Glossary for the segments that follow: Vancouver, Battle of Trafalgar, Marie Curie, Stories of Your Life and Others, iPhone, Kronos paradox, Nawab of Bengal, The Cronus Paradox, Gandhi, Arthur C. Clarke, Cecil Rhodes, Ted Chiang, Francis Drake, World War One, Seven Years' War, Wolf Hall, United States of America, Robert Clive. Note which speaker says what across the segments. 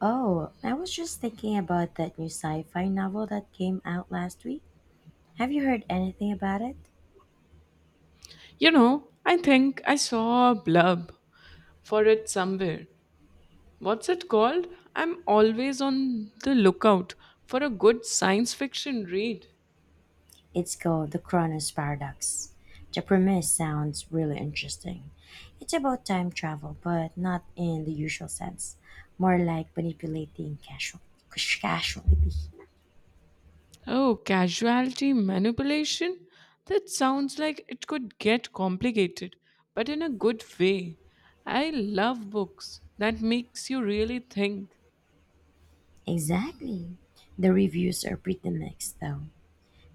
Speaker 1: Oh, I was just thinking about that new sci fi novel that came out last week. Have you heard anything about it?
Speaker 2: You know, I think I saw a blurb for it somewhere. What's it called? I'm always on the lookout for a good science fiction read.
Speaker 1: It's called The Cronus Paradox. The premise sounds really interesting. It's about time travel, but not in the usual sense, more like manipulating casualty.
Speaker 2: Oh, casualty manipulation? That sounds like it could get complicated, but in a good way. I love books that makes you really think.
Speaker 1: Exactly. The reviews are pretty mixed, though.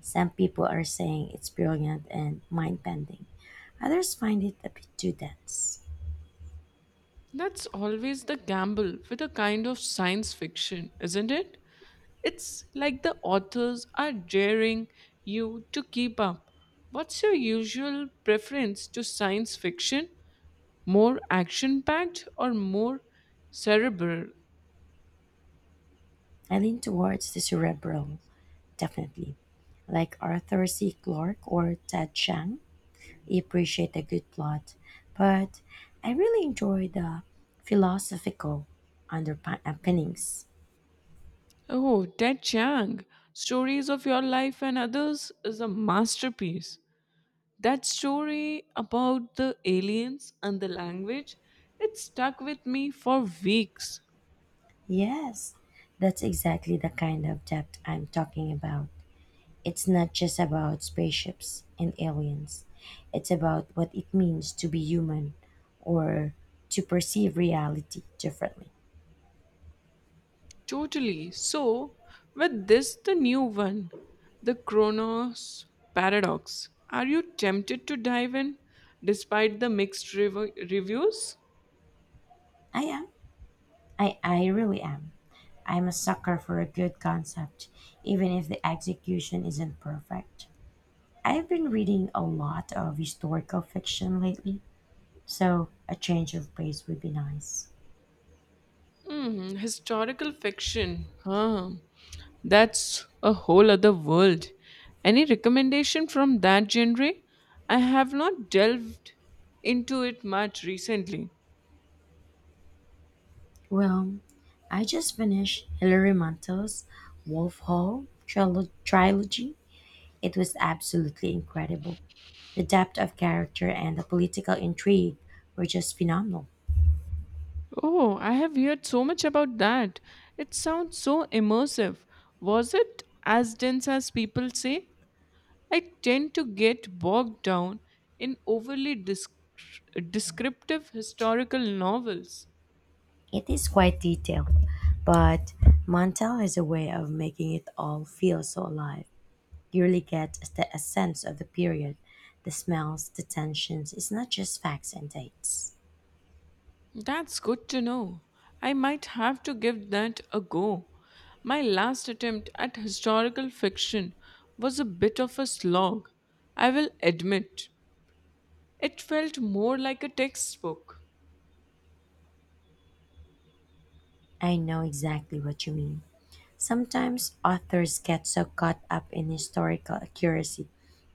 Speaker 1: Some people are saying it's brilliant and mind bending, others find it a bit too dense.
Speaker 2: That's always the gamble with a kind of science fiction, isn't it? It's like the authors are daring you to keep up. What's your usual preference to science fiction? More action packed or more cerebral?
Speaker 1: I lean towards the cerebral, definitely. Like Arthur C. Clarke or Ted Chiang, I appreciate a good plot, but I really enjoy the philosophical underpinnings.
Speaker 2: Oh, Ted Chiang, Stories of Your Life and Others is a masterpiece. That story about the aliens and the language, it stuck with me for weeks.
Speaker 1: Yes, that's exactly the kind of depth I'm talking about. It's not just about spaceships and aliens, it's about what it means to be human or to perceive reality differently.
Speaker 2: Totally. So, with this, the new one, the Kronos paradox, are you tempted to dive in despite the mixed reviews?
Speaker 1: I am. I really am. I'm a sucker for a good concept, even if the execution isn't perfect. I've been reading a lot of historical fiction lately, so a change of pace would be nice.
Speaker 2: Hmm, historical fiction. Huh. That's a whole other world. Any recommendation from that genre? I have not delved into it much recently.
Speaker 1: Well, I just finished Hilary Mantel's Wolf Hall trilogy. It was absolutely incredible. The depth of character and the political intrigue were just phenomenal.
Speaker 2: Oh, I have heard so much about that. It sounds so immersive. Was it as dense as people say? I tend to get bogged down in overly descriptive historical novels.
Speaker 1: It is quite detailed, but Mantel has a way of making it all feel so alive. You really get a sense of the period, the smells, the tensions. It's not just facts and dates.
Speaker 2: That's good to know. I might have to give that a go. My last attempt at historical fiction was a bit of a slog, I will admit. It felt more like a textbook.
Speaker 1: I know exactly what you mean. Sometimes authors get so caught up in historical accuracy,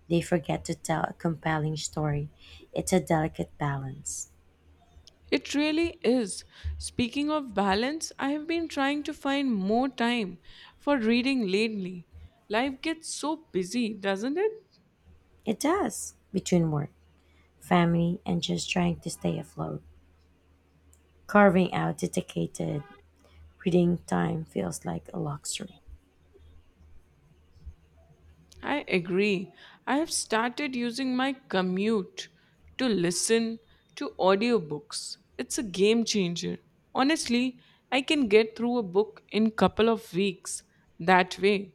Speaker 1: they forget to tell a compelling story. It's a delicate balance.
Speaker 2: It really is. Speaking of balance, I have been trying to find more time for reading lately. Life gets so busy, doesn't it?
Speaker 1: It does, between work, family, and just trying to stay afloat carving out dedicated Reading time feels like a luxury.
Speaker 2: I agree. I have started using my commute to listen to audiobooks. It's a game changer. Honestly, I can get through a book in couple of weeks that way.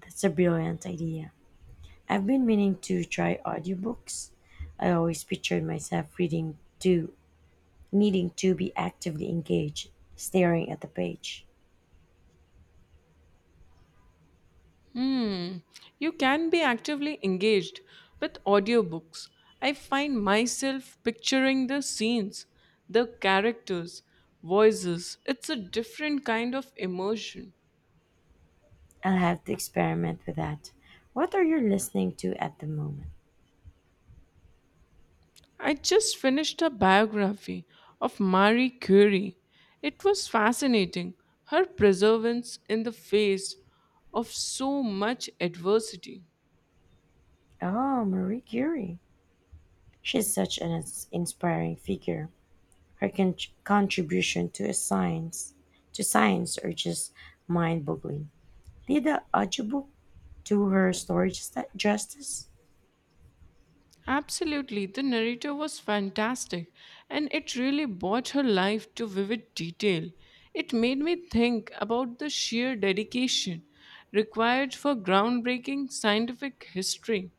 Speaker 1: That's a brilliant idea. I've been meaning to try audiobooks. I always pictured myself reading to needing to be actively engaged, staring at the page.
Speaker 2: Hmm. You can be actively engaged with audiobooks. I find myself picturing the scenes, the characters, voices. It's a different kind of immersion.
Speaker 1: I'll have to experiment with that. What are you listening to at the moment?
Speaker 2: I just finished a biography of Marie Curie. It was fascinating, her perseverance in the face of so much adversity.
Speaker 1: Oh, Marie Curie. She's such an inspiring figure. Her contribution to a science to science are just mind-boggling. Did the audiobook to her justice,
Speaker 2: Absolutely, the narrator was fantastic and it really brought her life to vivid detail. It made me think about the sheer dedication required for groundbreaking scientific history.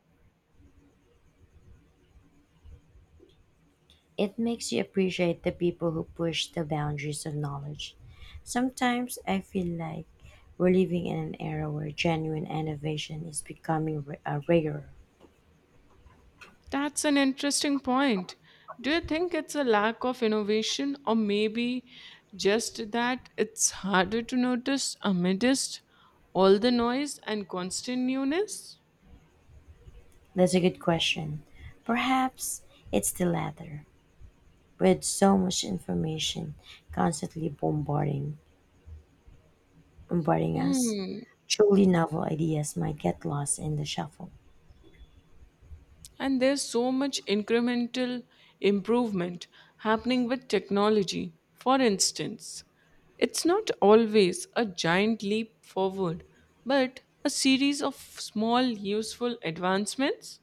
Speaker 1: it makes you appreciate the people who push the boundaries of knowledge. Sometimes I feel like we're living in an era where genuine innovation is becoming rarer.
Speaker 2: That's an interesting point. Do you think it's a lack of innovation or maybe just that it's harder to notice amidst all the noise and constant newness?
Speaker 1: That's a good question. Perhaps it's the latter. With so much information constantly bombarding us,
Speaker 2: Hmm.
Speaker 1: truly novel ideas might get lost in the shuffle.
Speaker 2: And there's so much incremental improvement happening with technology. For instance, it's not always a giant leap forward, but a series of small useful advancements.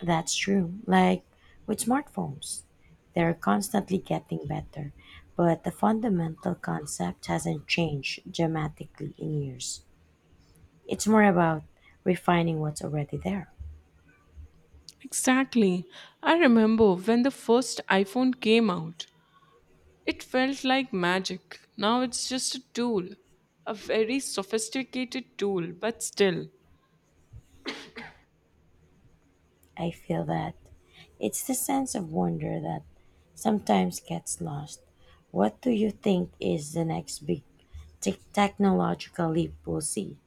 Speaker 1: That's true. Like with smartphones, they're constantly getting better, but the fundamental concept hasn't changed dramatically in years. It's more about refining what's already there.
Speaker 2: Exactly. I remember when the first iPhone came out, it felt like magic. Now it's just a tool, a very sophisticated tool, but still.
Speaker 1: I feel that it's the sense of wonder that sometimes gets lost. What do you think is the next big technological leap we'll see?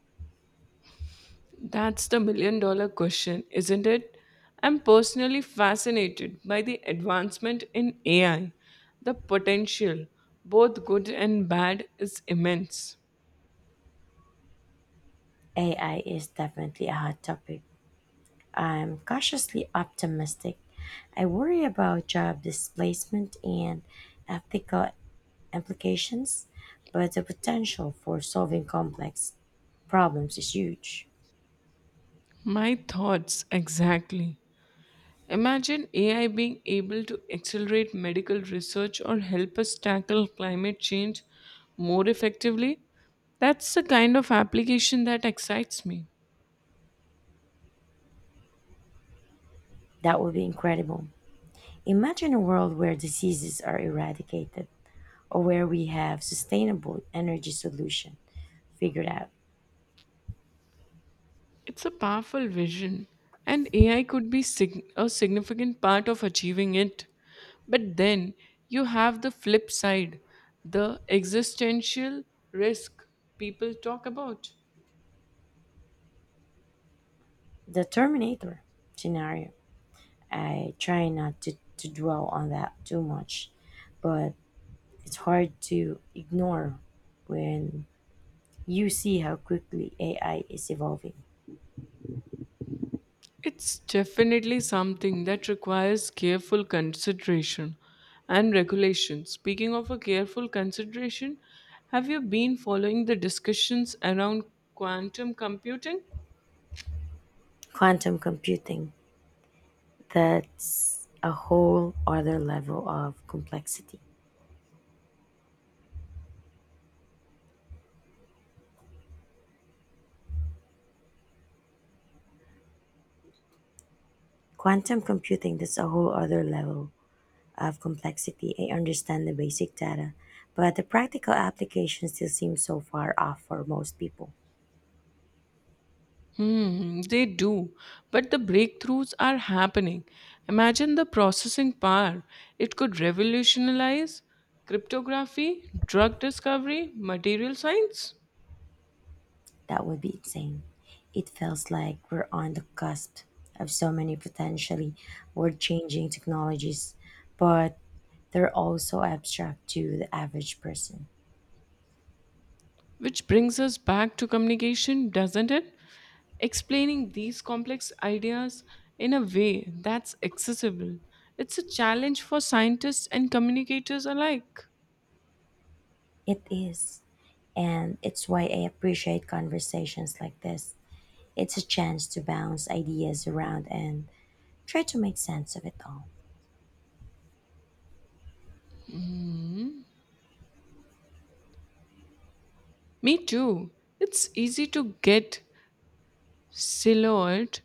Speaker 2: That's the million dollar question, isn't it? I'm personally fascinated by the advancement in AI. The potential, both good and bad, is immense.
Speaker 1: AI is definitely a hot topic, I'm cautiously optimistic. I worry about job displacement and ethical implications, but the potential for solving complex problems is huge.
Speaker 2: My thoughts exactly. Imagine AI being able to accelerate medical research or help us tackle climate change more effectively. That's the kind of application that excites me.
Speaker 1: That would be incredible. Imagine a world where diseases are eradicated or where we have sustainable energy solution figured out.
Speaker 2: It's a powerful vision, and AI could be a significant part of achieving it. But then you have the flip side, the existential risk people talk about.
Speaker 1: The Terminator scenario. I try not to dwell on that too much, but it's hard to ignore when you see how quickly AI is evolving.
Speaker 2: It's definitely something that requires careful consideration and regulation. Speaking of a careful consideration, have you been following the discussions around quantum computing?
Speaker 1: Quantum computing, that's a whole other level of complexity. Quantum computing, that's a whole other level of complexity. I understand the basic data, but the practical application still seems so far off for most people.
Speaker 2: Hmm, they do. But the breakthroughs are happening. Imagine the processing power. It could revolutionize cryptography, drug discovery, material science.
Speaker 1: That would be insane. It feels like we're on the cusp of so many potentially world changing technologies, but they're also abstract to the average person.
Speaker 2: Which brings us back to communication, doesn't it? Explaining these complex ideas in a way that's accessible. It's a challenge for scientists and communicators alike.
Speaker 1: It is. And it's why I appreciate conversations like this. It's a chance to bounce ideas around and try to make sense of it all.
Speaker 2: Me too. It's easy to get silhouette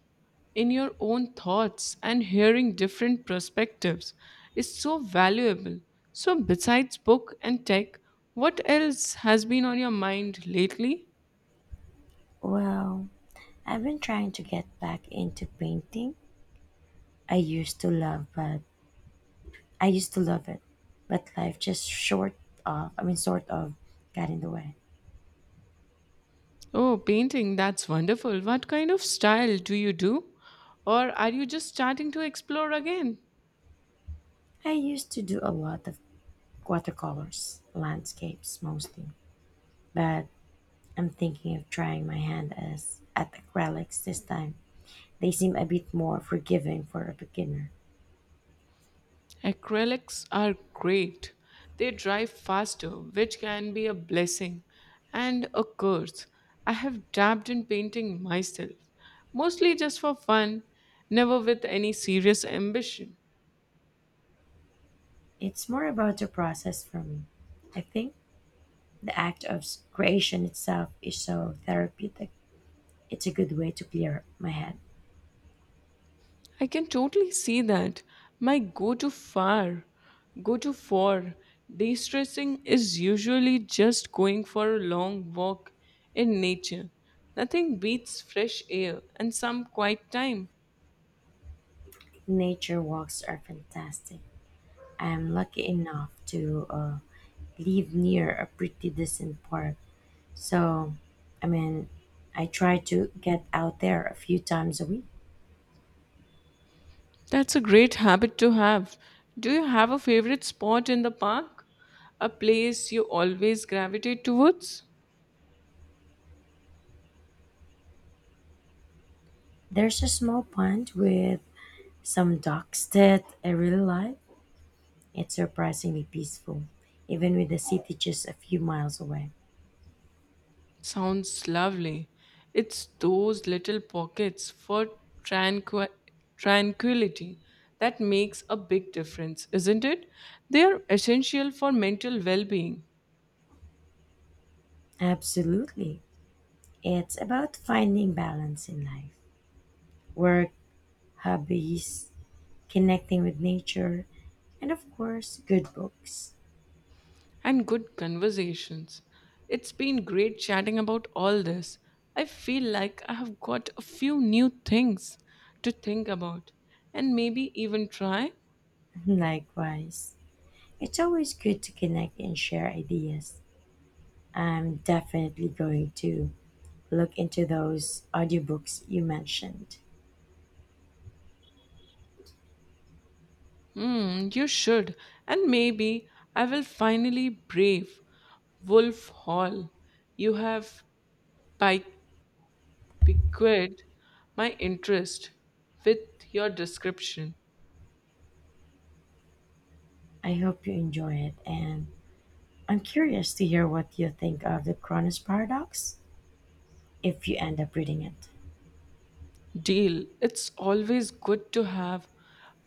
Speaker 2: in your own thoughts and hearing different perspectives is so valuable. So, besides book and tech, what else has been on your mind lately?
Speaker 1: Well, I've been trying to get back into painting. I used to love, but I used to love it, but life just short of, I mean, sort of got in the way.
Speaker 2: Oh, painting, that's wonderful. What kind of style do you do? Or are you just starting to explore again?
Speaker 1: I used to do a lot of watercolors, landscapes mostly, but I'm thinking of trying my hand as at acrylics this time. They seem a bit more forgiving for a beginner.
Speaker 2: Acrylics are great. They dry faster, which can be a blessing and a curse. I have dabbed in painting myself, mostly just for fun, never with any serious ambition.
Speaker 1: It's more about the process for me. I think the act of creation itself is so therapeutic. It's a good way to clear my head.
Speaker 2: I can totally see that. My go to for de stressing is usually just going for a long walk in nature. Nothing beats fresh air and some quiet time.
Speaker 1: Nature walks are fantastic. I am lucky enough to live near a pretty decent park. So, I mean, I try to get out there a few times a week.
Speaker 2: That's a great habit to have. Do you have a favorite spot in the park? A place you always gravitate towards?
Speaker 1: There's a small pond with some ducks that I really like. It's surprisingly peaceful, even with the city just a few miles away.
Speaker 2: Sounds lovely. It's those little pockets for tranqui- tranquility that makes a big difference, isn't it? They are essential for mental well being.
Speaker 1: Absolutely. It's about finding balance in life, work, hobbies, connecting with nature, and of course, good books.
Speaker 2: And good conversations. It's been great chatting about all this. I feel like I have got a few new things to think about and maybe even try.
Speaker 1: Likewise. It's always good to connect and share ideas. I'm definitely going to look into those audiobooks you mentioned.
Speaker 2: Hmm, you should. And maybe I will finally brave Wolf Hall. You have piqued my interest with your description.
Speaker 1: I hope you enjoy it, and I'm curious to hear what you think of the Cronus Paradox if you end up reading it.
Speaker 2: Deal. It's always good to have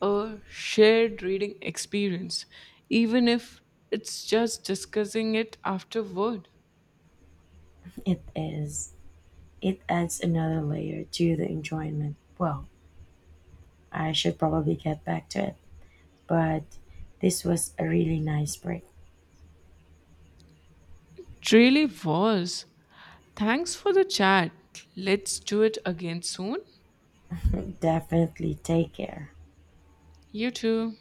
Speaker 2: a shared reading experience, even if it's just discussing it afterward.
Speaker 1: It is, it adds another layer to the enjoyment. Well, I should probably get back to it, but this was a really nice break.
Speaker 2: It really was. Thanks for the chat. Let's do it again soon.
Speaker 1: Definitely take care.
Speaker 2: You too.